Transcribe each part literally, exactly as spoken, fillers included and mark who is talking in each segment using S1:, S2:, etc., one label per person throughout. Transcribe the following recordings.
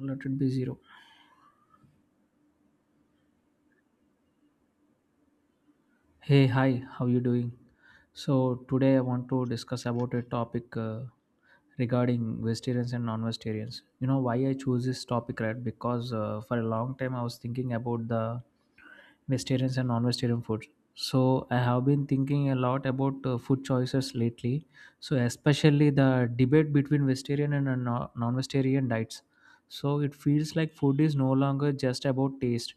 S1: Let it be zero. Hey, hi, how you doing? So today I want to discuss about a topic, uh, regarding vegetarians and non-vegetarians. You know why I chose this topic, right? Because uh, for a long time I was thinking about the vegetarian and non-vegetarian food. So I have been thinking a lot about uh, food choices lately. So especially the debate between vegetarian and uh, no- non-vegetarian diets. So it feels like food is no longer just about taste,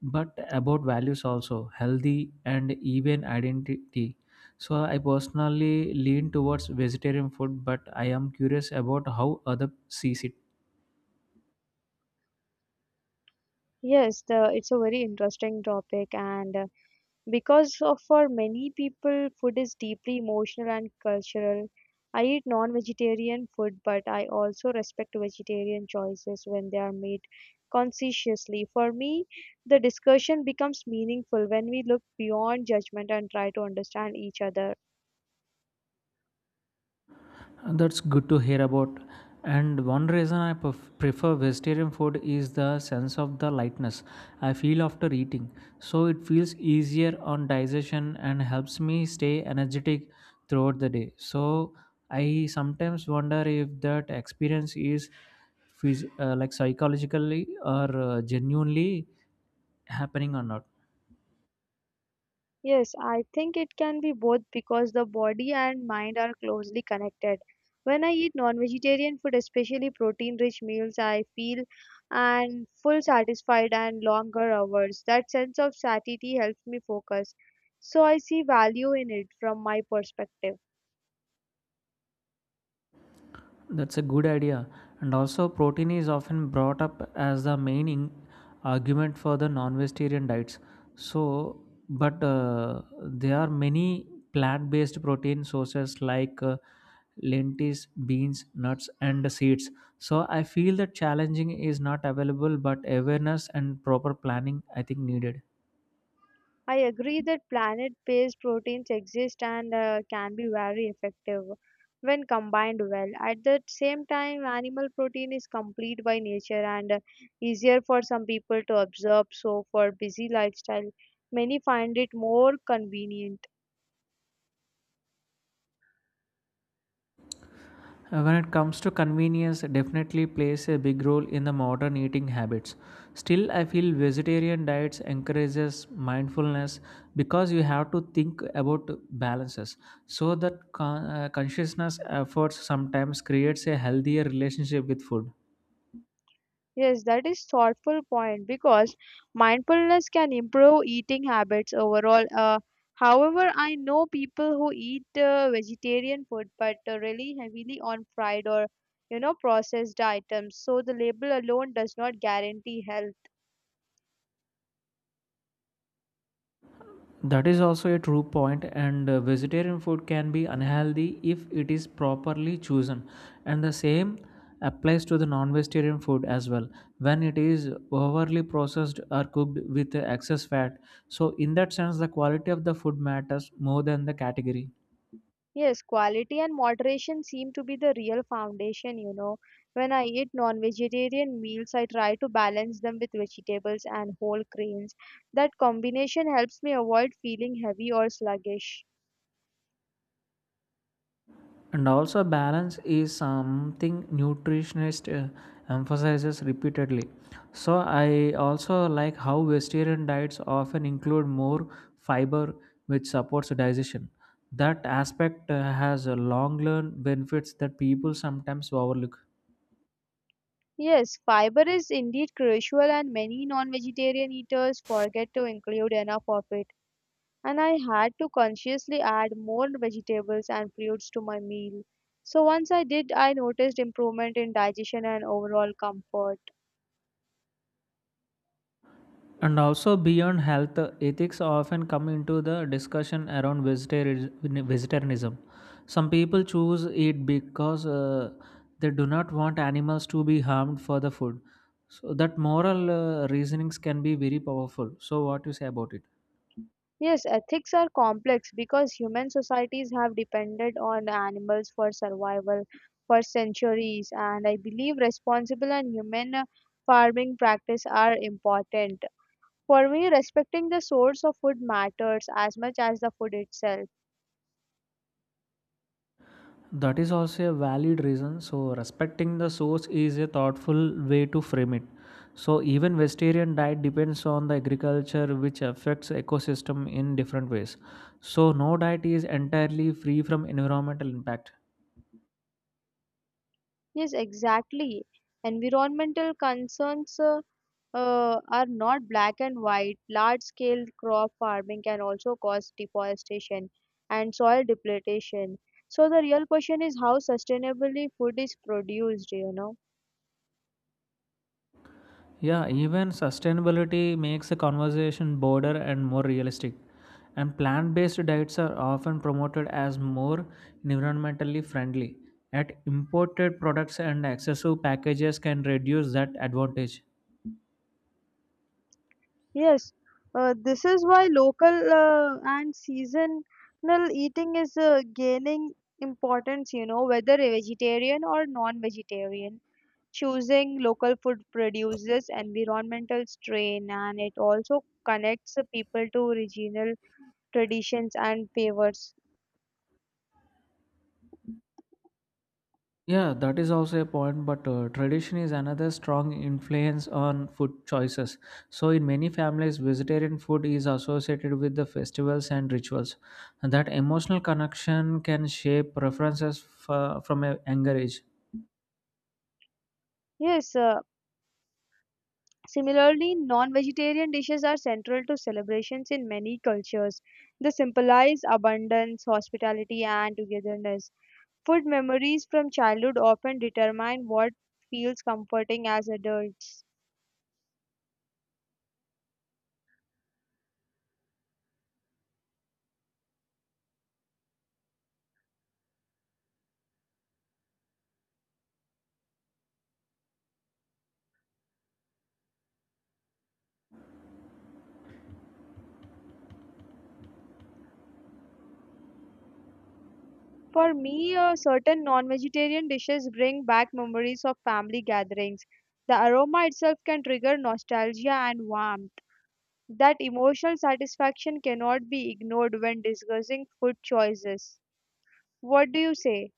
S1: but about values also, healthy and even identity. So I personally lean towards vegetarian food, but I am curious about how other sees it.
S2: Yes, the, it's a very interesting topic, and uh, because of for many people, food is deeply emotional and cultural. I eat non-vegetarian food, but I also respect vegetarian choices when they are made conscientiously. For me, the discussion becomes meaningful when we look beyond judgment and try to understand each other.
S1: Uh, That's good to hear about. And one reason I pref- prefer vegetarian food is the sense of the lightness I feel after eating. So it feels easier on digestion and helps me stay energetic throughout the day. So I sometimes wonder if that experience is phys- uh, like psychologically or uh, genuinely happening or not.
S2: Yes, I think it can be both because the body and mind are closely connected. When I eat non-vegetarian food, especially protein-rich meals, I feel and full satisfied and longer hours. That sense of satiety helps me focus. So I see value in it from my perspective.
S1: That's a good idea. And also, protein is often brought up as the main in- argument for the non vegetarian diets. So, but uh, there are many plant based protein sources like uh, lentils, beans, nuts, and seeds. So, I feel that challenging is not available, but awareness and proper planning, I think, needed.
S2: I agree that planet based proteins exist and uh, can be very effective when combined well. At the same time, animal protein is complete by nature and uh, easier for some people to absorb, so, for busy lifestyle, many find it more convenient.
S1: Uh, When it comes to convenience, it definitely plays a big role in the modern eating habits. Still, I feel vegetarian diets encourages mindfulness because you have to think about balances. So that con- uh, consciousness efforts sometimes creates a healthier relationship with food.
S2: Yes, that is thoughtful point because mindfulness can improve eating habits overall. Uh, however, I know people who eat uh, vegetarian food but uh, really heavily on fried or you know processed items, so the label alone does not guarantee health.
S1: That is also a true point, and uh, vegetarian food can be unhealthy if it is properly chosen. And the same applies to the non vegetarian food as well when it is overly processed or cooked with excess fat. So, in that sense, the quality of the food matters more than the category.
S2: Yes, quality and moderation seem to be the real foundation, you know. When I eat non-vegetarian meals, I try to balance them with vegetables and whole grains. That combination helps me avoid feeling heavy or sluggish.
S1: And also, balance is something nutritionist uh, emphasizes repeatedly. So, I also like how vegetarian diets often include more fiber, which supports digestion. That aspect uh, has a long learned benefits that people sometimes overlook.
S2: Yes, fiber is indeed crucial, and many non vegetarian eaters forget to include enough of it. And I had to consciously add more vegetables and fruits to my meal. So once I did, I noticed improvement in digestion and overall comfort.
S1: And also beyond health, ethics often come into the discussion around vegetari- vegetarianism. Some people choose it because uh, they do not want animals to be harmed for the food. So that moral uh, reasonings can be very powerful. So what you say about it?
S2: Yes, ethics are complex because human societies have depended on animals for survival for centuries, and I believe responsible and human uh, farming practice are important. For me, respecting the source of food matters as much as the food itself.
S1: That is also a valid reason. So, respecting the source is a thoughtful way to frame it. So, even vegetarian diet depends on the agriculture, which affects ecosystem in different ways. So, no diet is entirely free from environmental impact.
S2: Yes, exactly. Environmental concerns uh, uh, are not black and white. Large scale crop farming can also cause deforestation and soil depletion. So, the real question is how sustainably food is produced, you know.
S1: Yeah, even sustainability makes the conversation broader and more realistic. And plant based diets are often promoted as more environmentally friendly. Yet, imported products and excessive packages can reduce that advantage.
S2: Yes, uh, this is why local uh, and seasonal eating is uh, gaining importance, you know, whether a vegetarian or non-vegetarian. Choosing local food produces environmental strain and it also connects the people to regional traditions and favors.
S1: Yeah, that is also a point, but uh, tradition is another strong influence on food choices. So, in many families, vegetarian food is associated with the festivals and rituals. And that emotional connection can shape preferences f- from a younger age.
S2: Yes, uh, similarly, non-vegetarian dishes are central to celebrations in many cultures. They symbolize abundance, hospitality, and togetherness. Food memories from childhood often determine what feels comforting as adults. For me, uh, certain non vegetarian dishes bring back memories of family gatherings. The aroma itself can trigger nostalgia and warmth. That emotional satisfaction cannot be ignored when discussing food choices. What do you say?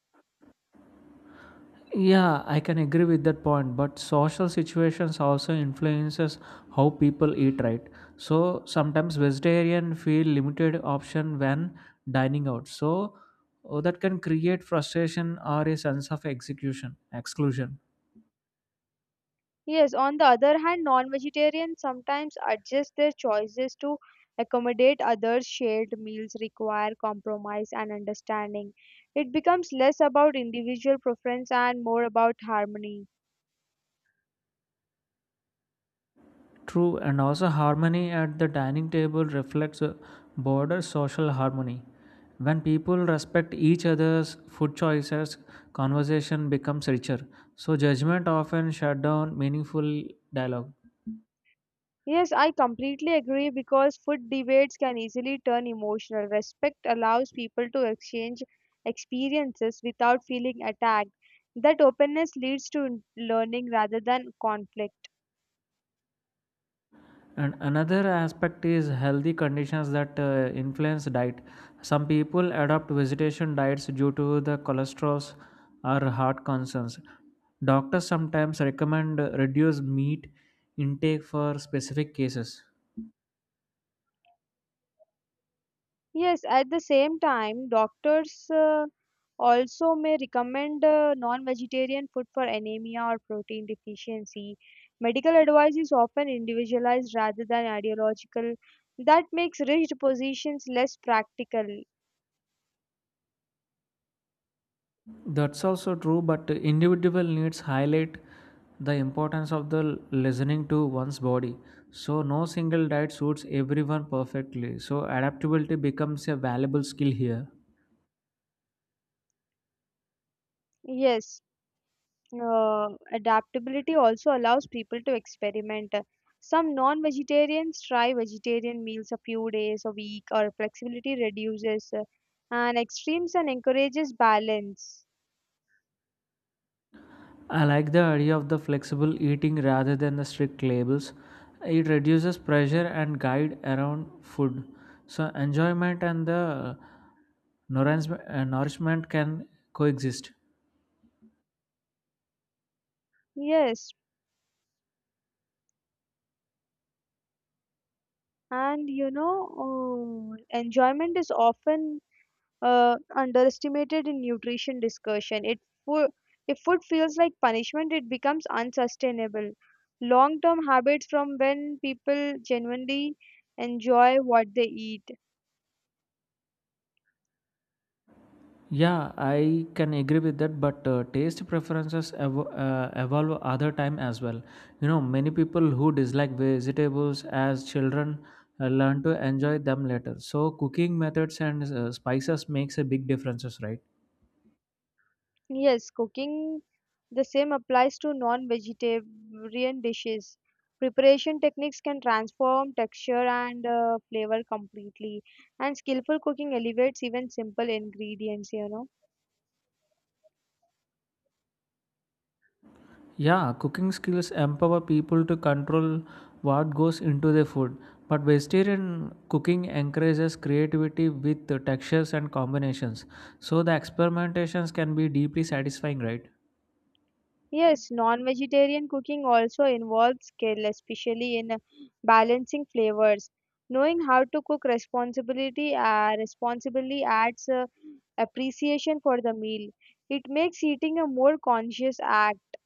S1: Yeah, I can agree with that point, but social situations also influences how people eat, right? So sometimes vegetarian feel limited option when dining out. So oh, that can create frustration or a sense of execution, exclusion.
S2: Yes, on the other hand, non vegetarians sometimes adjust their choices to accommodate others. Shared meals require compromise and understanding. It becomes less about individual preference and more about harmony.
S1: True, and also harmony at the dining table reflects a broader social harmony. When people respect each other's food choices, conversation becomes richer. So, judgment often shut down meaningful dialogue.
S2: Yes, I completely agree because food debates can easily turn emotional. Respect allows people to exchange experiences without feeling attacked. That openness leads to learning rather than conflict.
S1: And another aspect is healthy conditions that uh, influence diet. Some people adopt vegetation diets due to the cholesterol or heart concerns. Doctors sometimes recommend uh, reduce meat intake for specific cases.
S2: Yes, at the same time, doctors uh, also may recommend uh, non vegetarian food for anemia or protein deficiency. Medical advice is often individualized rather than ideological. That makes rigid positions less practical.
S1: That's also true, but individual needs highlight the importance of the listening to one's body. So no single diet suits everyone perfectly. So adaptability becomes a valuable skill here.
S2: Yes, uh, adaptability also allows people to experiment. Some non vegetarians try vegetarian meals a few days a week, or flexibility reduces, uh, and extremes and encourages balance.
S1: I like the idea of the flexible eating rather than the strict labels. It reduces pressure and guide around food. So enjoyment and the nourishment uh, nourishment can coexist.
S2: Yes, and you know, uh, enjoyment is often uh, underestimated in nutrition discussion. It food, if food feels like punishment, it becomes unsustainable. Long-term habits from when people genuinely enjoy what they eat.
S1: Yeah, I can agree with that, but uh, taste preferences ev- uh, evolve other time as well. You know, many people who dislike vegetables as children uh, learn to enjoy them later. So, cooking methods and uh, spices makes a big differences, right?
S2: Yes, cooking the same applies to non-vegetarian dishes. Preparation techniques can transform texture and uh, flavor completely, and skillful cooking elevates even simple ingredients, you know.
S1: Yeah, cooking skills empower people to control what goes into their food. But vegetarian cooking encourages creativity with uh, textures and combinations. So, the experimentations can be deeply satisfying, right?
S2: Yes, non-vegetarian cooking also involves skill, especially in uh, balancing flavors. Knowing how to cook responsibility, uh, responsibly adds uh, appreciation for the meal. It makes eating a more conscious act.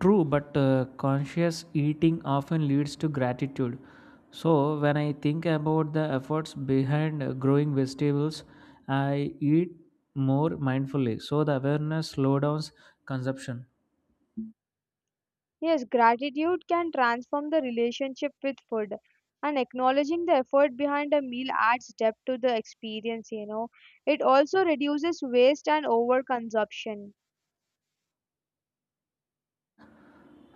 S1: True, but uh, conscious eating often leads to gratitude. So, when I think about the efforts behind uh, growing vegetables, I eat more mindfully. So, the awareness slowdowns consumption.
S2: Yes, gratitude can transform the relationship with food. And acknowledging the effort behind a meal adds depth to the experience, you know. It also reduces waste and overconsumption.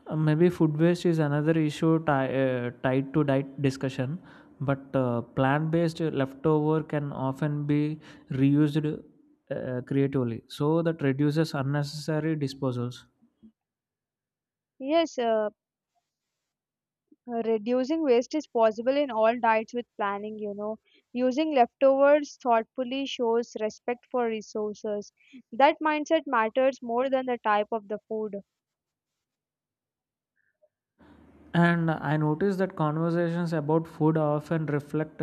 S1: Uh, maybe food waste is another issue ti- uh, tied to diet discussion, but uh, plant based leftover can often be reused uh, creatively. So, that reduces unnecessary disposals.
S2: Yes, uh, reducing waste is possible in all diets with planning, you know. Using leftovers thoughtfully shows respect for resources. That mindset matters more than the type of the food.
S1: And I noticed that conversations about food often reflect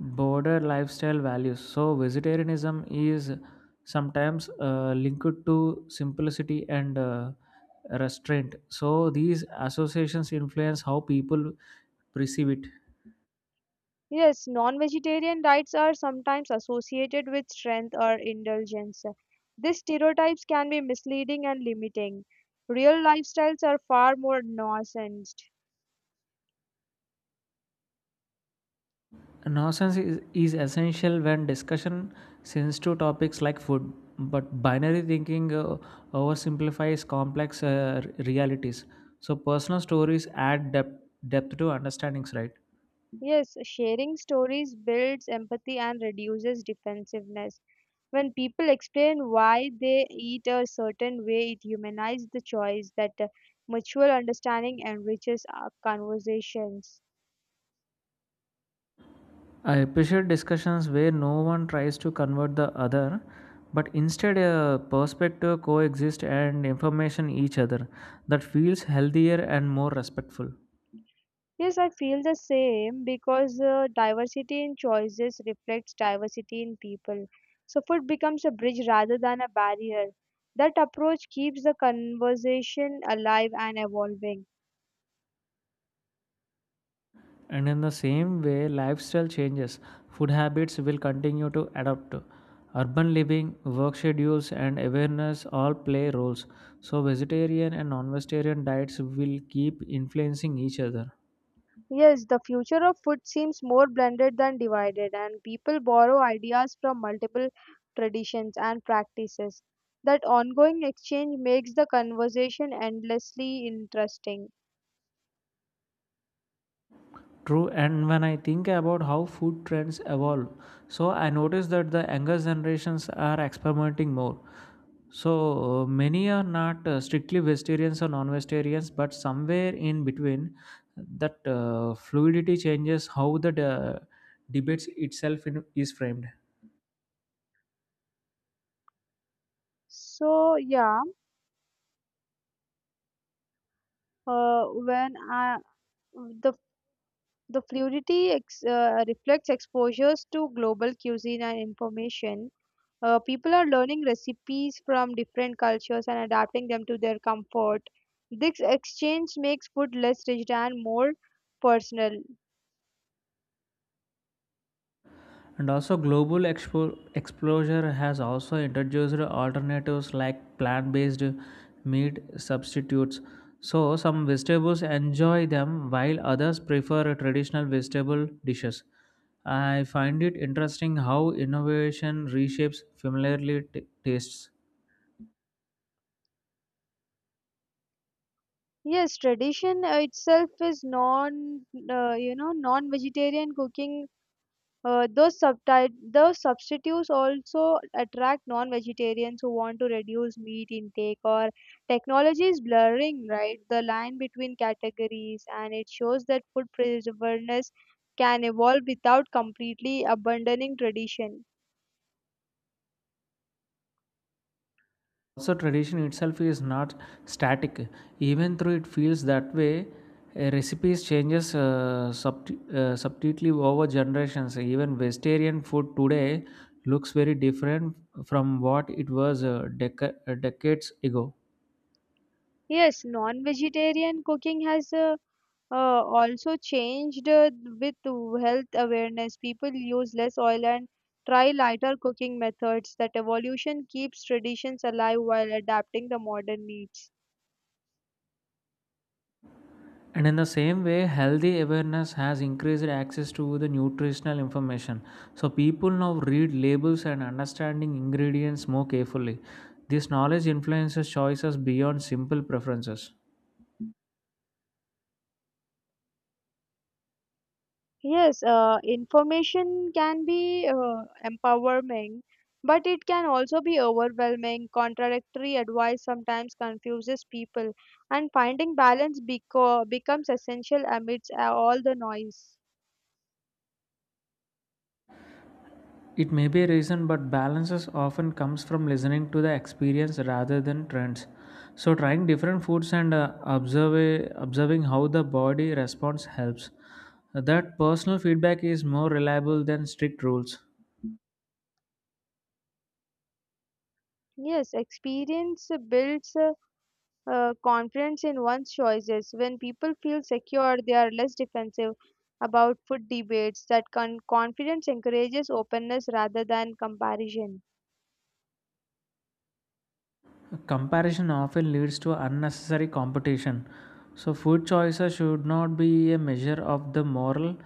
S1: broader lifestyle values. So, vegetarianism is sometimes uh, linked to simplicity and uh, restraint. So, these associations influence how people perceive it.
S2: Yes, non vegetarian diets are sometimes associated with strength or indulgence. These stereotypes can be misleading and limiting. Real lifestyles are far more nuanced.
S1: Nonsense is, is essential when discussion since to topics like food, but binary thinking uh, oversimplifies complex uh, r- realities. So personal stories add depth, depth to understandings, right?
S2: Yes, sharing stories builds empathy and reduces defensiveness. When people explain why they eat a certain way, it humanizes the choice that uh, mutual understanding enriches our conversations.
S1: I appreciate discussions where no one tries to convert the other, but instead uh, perspective coexist and information each other. That feels healthier and more respectful.
S2: Yes, I feel the same because uh, diversity in choices reflects diversity in people. So, food becomes a bridge rather than a barrier. That approach keeps the conversation alive and evolving.
S1: And in the same way, lifestyle changes. Food habits will continue to adapt. Urban living, work schedules, and awareness all play roles. So, vegetarian and non vegetarian diets will keep influencing each other.
S2: Yes, the future of food seems more blended than divided, and people borrow ideas from multiple traditions and practices. That ongoing exchange makes the conversation endlessly interesting.
S1: True, and when I think about how food trends evolve, so I notice that the younger generations are experimenting more. So uh, many are not uh, strictly vegetarians or non-vegetarians, but somewhere in between, that uh, fluidity changes how the de- debates itself in, is framed.
S2: So, yeah, uh, when I, the The fluidity ex- uh, reflects exposures to global cuisine and information. Uh, people are learning recipes from different cultures and adapting them to their comfort. This exchange makes food less rigid and more personal.
S1: And also global expo- exposure has also introduced alternatives like plant-based meat substitutes. So some vegetables enjoy them while others prefer traditional vegetable dishes. I find it interesting how innovation reshapes familiar t- tastes.
S2: Yes, tradition uh, itself is non, uh, you know, non-vegetarian cooking Uh, those, subti- those substitutes also attract non vegetarians who want to reduce meat intake, or technology is blurring right the line between categories, and it shows that food preservedness can evolve without completely abandoning tradition.
S1: Also tradition itself is not static, even though it feels that way. Uh, recipes changes uh, subti- uh, subtly over generations. Even vegetarian food today looks very different from what it was uh, deca- uh, decades ago.
S2: Yes, non vegetarian cooking has a uh, also changed uh, with health awareness. People use less oil and try lighter cooking methods. That evolution keeps traditions alive while adapting the modern needs.
S1: And in the same way, healthy awareness has increased access to the nutritional information. So people now read labels and understanding ingredients more carefully. This knowledge influences choices beyond simple preferences.
S2: Yes, uh, information can be uh, empowering, but it can also be overwhelming. Contradictory advice sometimes confuses people, and finding balance beco- becomes essential amidst uh, all the noise.
S1: It may be a reason, but balances often comes from listening to the experience rather than trends. So trying different foods and uh, observe, observing how the body responds helps. That personal feedback is more reliable than strict rules.
S2: Yes, experience builds. uh, uh, confidence in one's choices. When people feel secure, they are less defensive about food debates. That con- confidence encourages openness rather than comparison.
S1: Comparison often leads to unnecessary competition. So food choices should not be a measure of the moral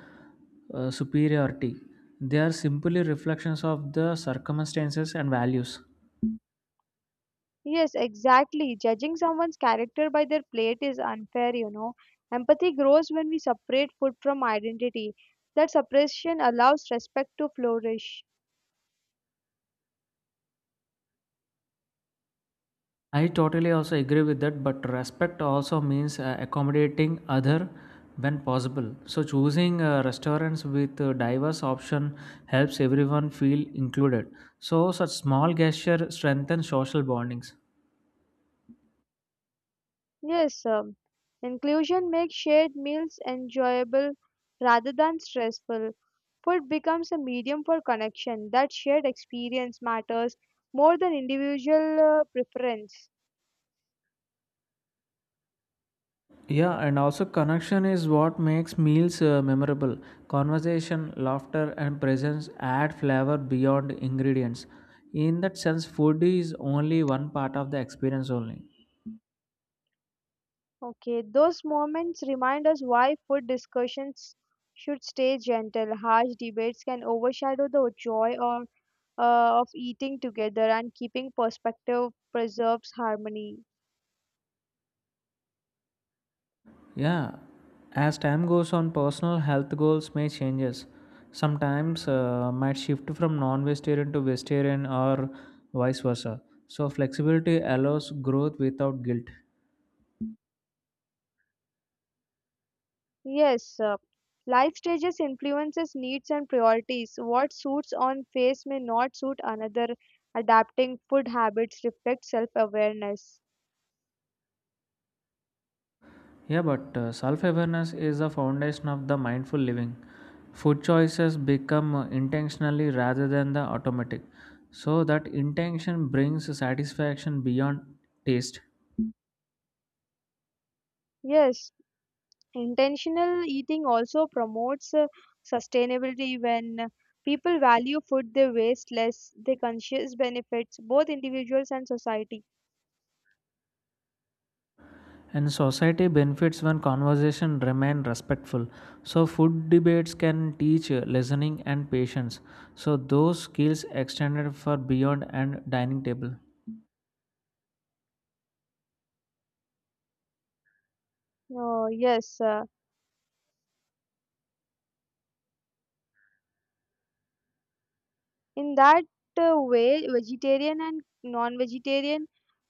S1: uh, superiority. They are simply reflections of the circumstances and values.
S2: Yes, exactly. Judging someone's character by their plate is unfair, you know. Empathy grows when we separate food from identity. That separation allows respect to flourish.
S1: I totally also agree with that, but respect also means uh, accommodating other when possible. So choosing uh, restaurants with uh, diverse option helps everyone feel included. So such small gesture strengthen social bondings.
S2: Yes, um, inclusion makes shared meals enjoyable rather than stressful. Food becomes a medium for connection. That shared experience matters more than individual uh, preference.
S1: Yeah, and also connection is what makes meals uh, memorable. Conversation, laughter, and presence add flavor beyond ingredients. In that sense, food is only one part of the experience only.
S2: Okay, those moments remind us why food discussions should stay gentle. Harsh debates can overshadow the joy or, uh, of eating together, and keeping perspective preserves harmony.
S1: Yeah, as time goes on, personal health goals may changes. Sometimes uh, might shift from non-vegetarian to vegetarian or vice versa. So flexibility allows growth without guilt.
S2: Yes, uh, life stages influences needs and priorities. What suits on face may not suit another. Adapting food habits reflects self-awareness.
S1: Yeah, but uh, self-awareness is the foundation of the mindful living. Food choices become uh, intentionally rather than the automatic. So that intention brings satisfaction beyond taste.
S2: Yes, intentional eating also promotes uh, sustainability when people value food they waste less, they conscious benefits both individuals and society.
S1: And society benefits when conversation remain respectful. So food debates can teach uh, listening and patience. So those skills extended for beyond and dining table.
S2: Oh, yes, uh, In that uh, way, vegetarian and non vegetarian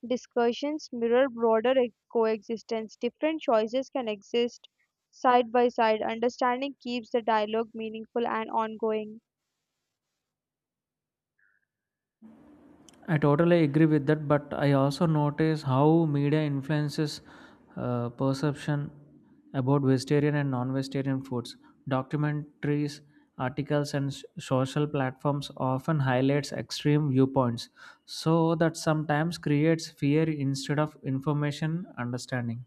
S2: discussions mirror broader e- coexistence. Different choices can exist side by side. Understanding keeps the dialogue meaningful and ongoing.
S1: I totally agree with that, but I also notice how media influences uh, perception about vegetarian and non-vegetarian foods. Documentaries, articles, and s- social platforms often highlights extreme viewpoints, so that sometimes creates fear instead of information understanding.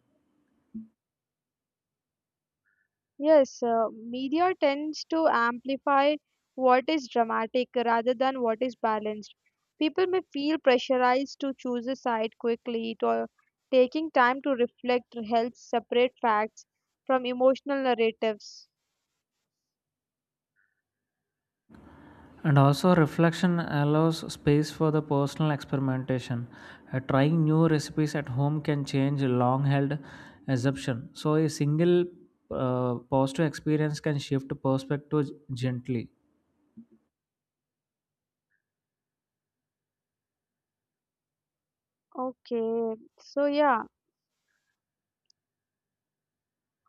S2: Yes, uh, media tends to amplify what is dramatic rather than what is balanced. People may feel pressurized to choose a side quickly, to, taking time to reflect helps separate facts from emotional narratives.
S1: And also, reflection allows space for the personal experimentation. Uh, trying new recipes at home can change long held assumption. So, a single uh, positive experience can shift perspective gently.
S2: Okay, so yeah,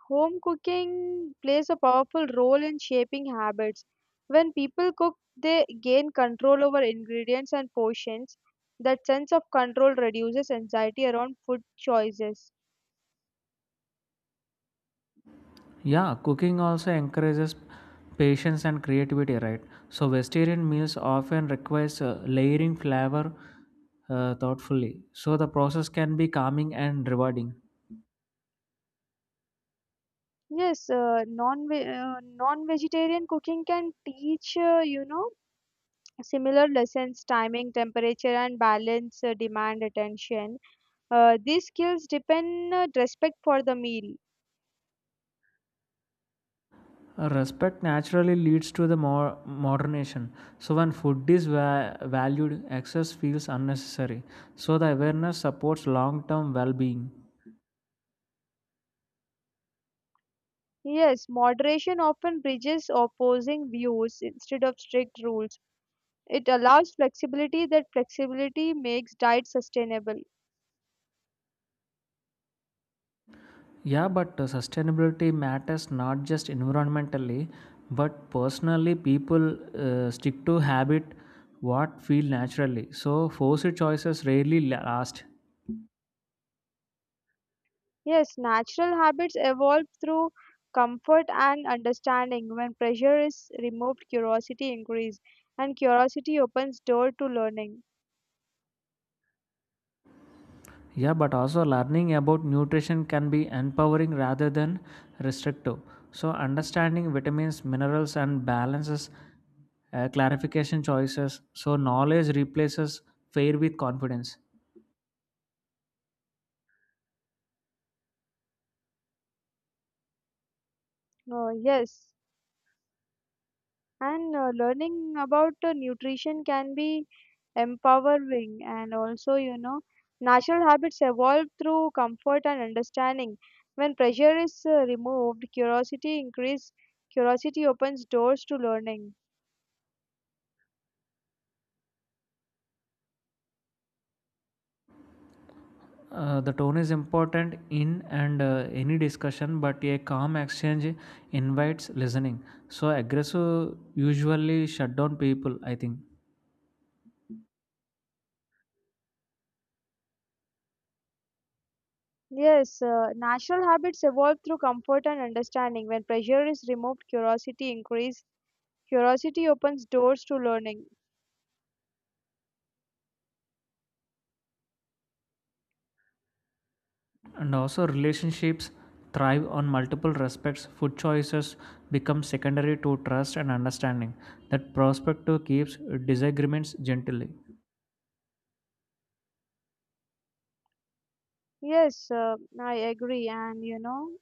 S2: Home cooking plays a powerful role in shaping habits. When people cook, they gain control over ingredients and portions. That sense of control reduces anxiety around food choices.
S1: Yeah, cooking also encourages patience and creativity, right? So, vegetarian meals often requires uh, layering flavor uh, thoughtfully. So, the process can be calming and rewarding.
S2: Yes, uh, non uh, non-vegetarian cooking can teach uh, you know similar lessons, timing, temperature, and balance uh, demand attention. Uh, these skills depend uh, respect for the meal.
S1: Uh, Respect naturally leads to the more modernation. So when food is va- valued, excess feels unnecessary. So the awareness supports long-term well-being.
S2: Yes, moderation often bridges opposing views instead of strict rules. It allows flexibility, that flexibility makes diet sustainable.
S1: Yeah, but uh, sustainability matters not just environmentally, but personally. People uh, stick to habit what feel naturally. So forced choices rarely la- last.
S2: Yes, natural habits evolve through comfort and understanding. When pressure is removed, curiosity increases, and curiosity opens door to learning.
S1: Yeah, but also learning about nutrition can be empowering rather than restrictive. So understanding vitamins, minerals and balances uh, clarification choices. So knowledge replaces fear with confidence.
S2: Uh, yes, And uh, Learning about uh, nutrition can be empowering and also, you know, natural habits evolve through comfort and understanding. When pressure is uh, removed, curiosity increase. Curiosity opens doors to learning.
S1: Uh, the tone is important in and uh, any discussion, but a calm exchange invites listening. So aggressive usually shut down people, I think.
S2: Yes, uh, natural habits evolve through comfort and understanding. When pressure is removed, curiosity increase. Curiosity opens doors to learning.
S1: And also, relationships thrive on multiple respects. Food choices become secondary to trust and understanding. That perspective keeps disagreements gently.
S2: Yes, uh, I agree. And you know,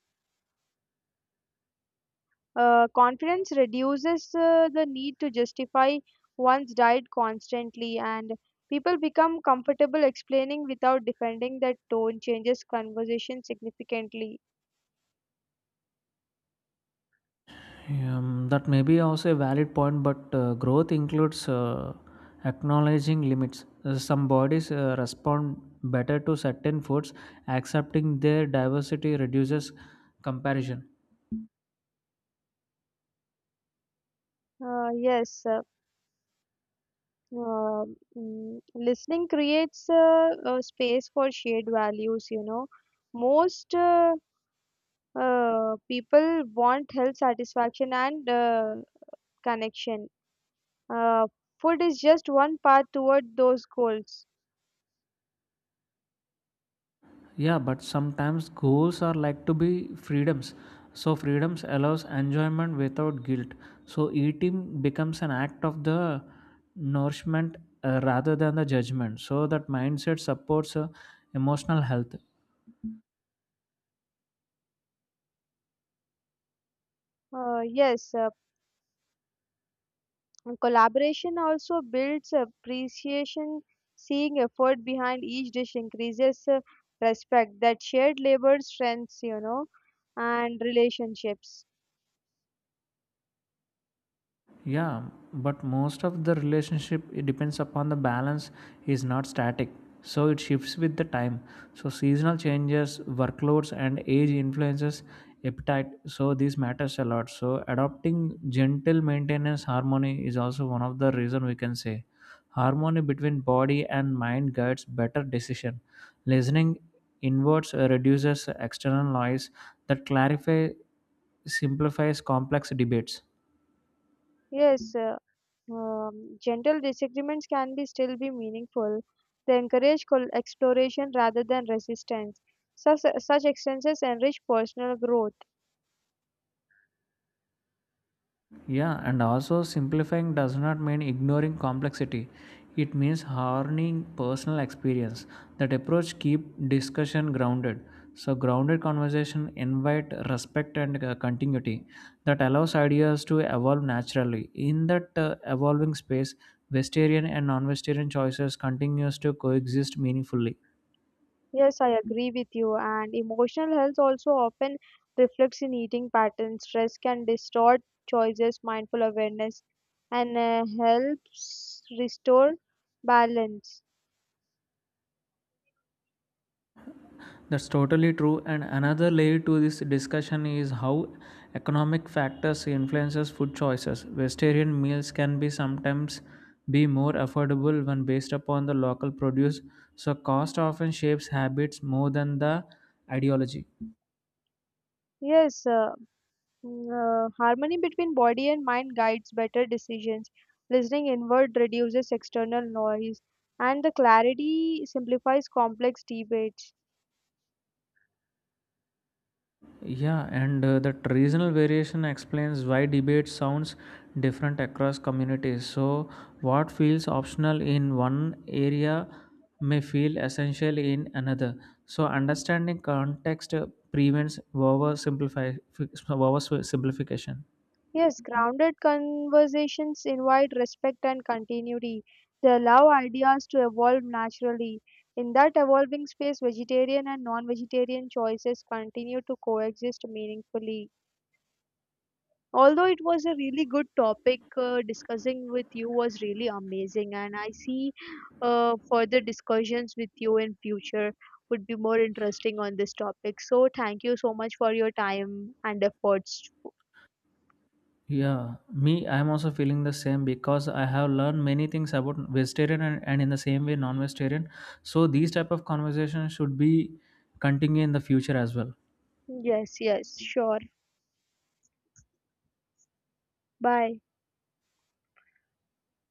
S2: Uh, confidence reduces uh, the need to justify one's diet constantly, and people become comfortable explaining without defending. That tone changes conversation significantly.
S1: Um, that may be also a valid point, but uh, growth includes uh, acknowledging limits. Uh, Some bodies uh, respond better to certain foods, accepting their diversity reduces comparison.
S2: Uh, yes, uh, uh, mm, Listening creates uh, a space for shared values. You know, most uh, uh, people want health satisfaction and uh, connection. Uh, Food is just one path toward those goals.
S1: Yeah, but sometimes goals are like to be freedoms. So freedoms allows enjoyment without guilt. So eating becomes an act of the nourishment uh, rather than the judgment. So that mindset supports uh, emotional health.
S2: Uh, yes, uh, And collaboration also builds appreciation. Seeing effort behind each dish increases uh, respect. That shared labor strengths, you know, and relationships.
S1: Yeah, but most of the relationship, it depends upon the balance, is not static. So it shifts with the time. So seasonal changes, workloads and age influences appetite. So this matters a lot. So adopting gentle maintenance harmony is also one of the reason, we can say. Harmony between body and mind guides better decision. Listening inwards uh, reduces external noise. That clarify simplifies complex debates.
S2: Yes, uh, um, gentle disagreements can be still be meaningful. They encourage col- exploration rather than resistance. Such, such exchanges enrich personal growth.
S1: Yeah, and also simplifying does not mean ignoring complexity. It means harnessing personal experience. That approach keep discussion grounded. So grounded conversation invite respect and uh, continuity that allows ideas to evolve naturally. In that uh, evolving space, vegetarian and non-vegetarian choices continues to coexist meaningfully.
S2: Yes, I agree with you. And emotional health also often reflects in eating patterns. Stress can distort choices, mindful awareness, and uh, helps restore balance.
S1: That's totally true. And another layer to this discussion is how economic factors influences food choices. Vegetarian meals can be sometimes be more affordable when based upon the local produce, so cost often shapes habits more than the ideology.
S2: Yes, uh, mm, uh, harmony between body and mind guides better decisions. Listening inward reduces external noise, and the clarity simplifies complex debates.
S1: Yeah, and uh, that regional variation explains why debate sounds different across communities. So, what feels optional in one area may feel essential in another. So, understanding context uh, prevents oversimplifi- oversimplification.
S2: Yes, grounded conversations invite respect and continuity. They allow ideas to evolve naturally. In that evolving space, vegetarian and non vegetarian choices continue to coexist meaningfully. Although it was a really good topic, uh, discussing with you was really amazing, and I see uh, further discussions with you in future would be more interesting on this topic. So, thank you so much for your time and efforts.
S1: Yeah, me, I'm also feeling the same because I have learned many things about vegetarian and, and in the same way non-vegetarian. So, these type of conversations should be continue in the future as well.
S2: Yes, yes, sure. Bye.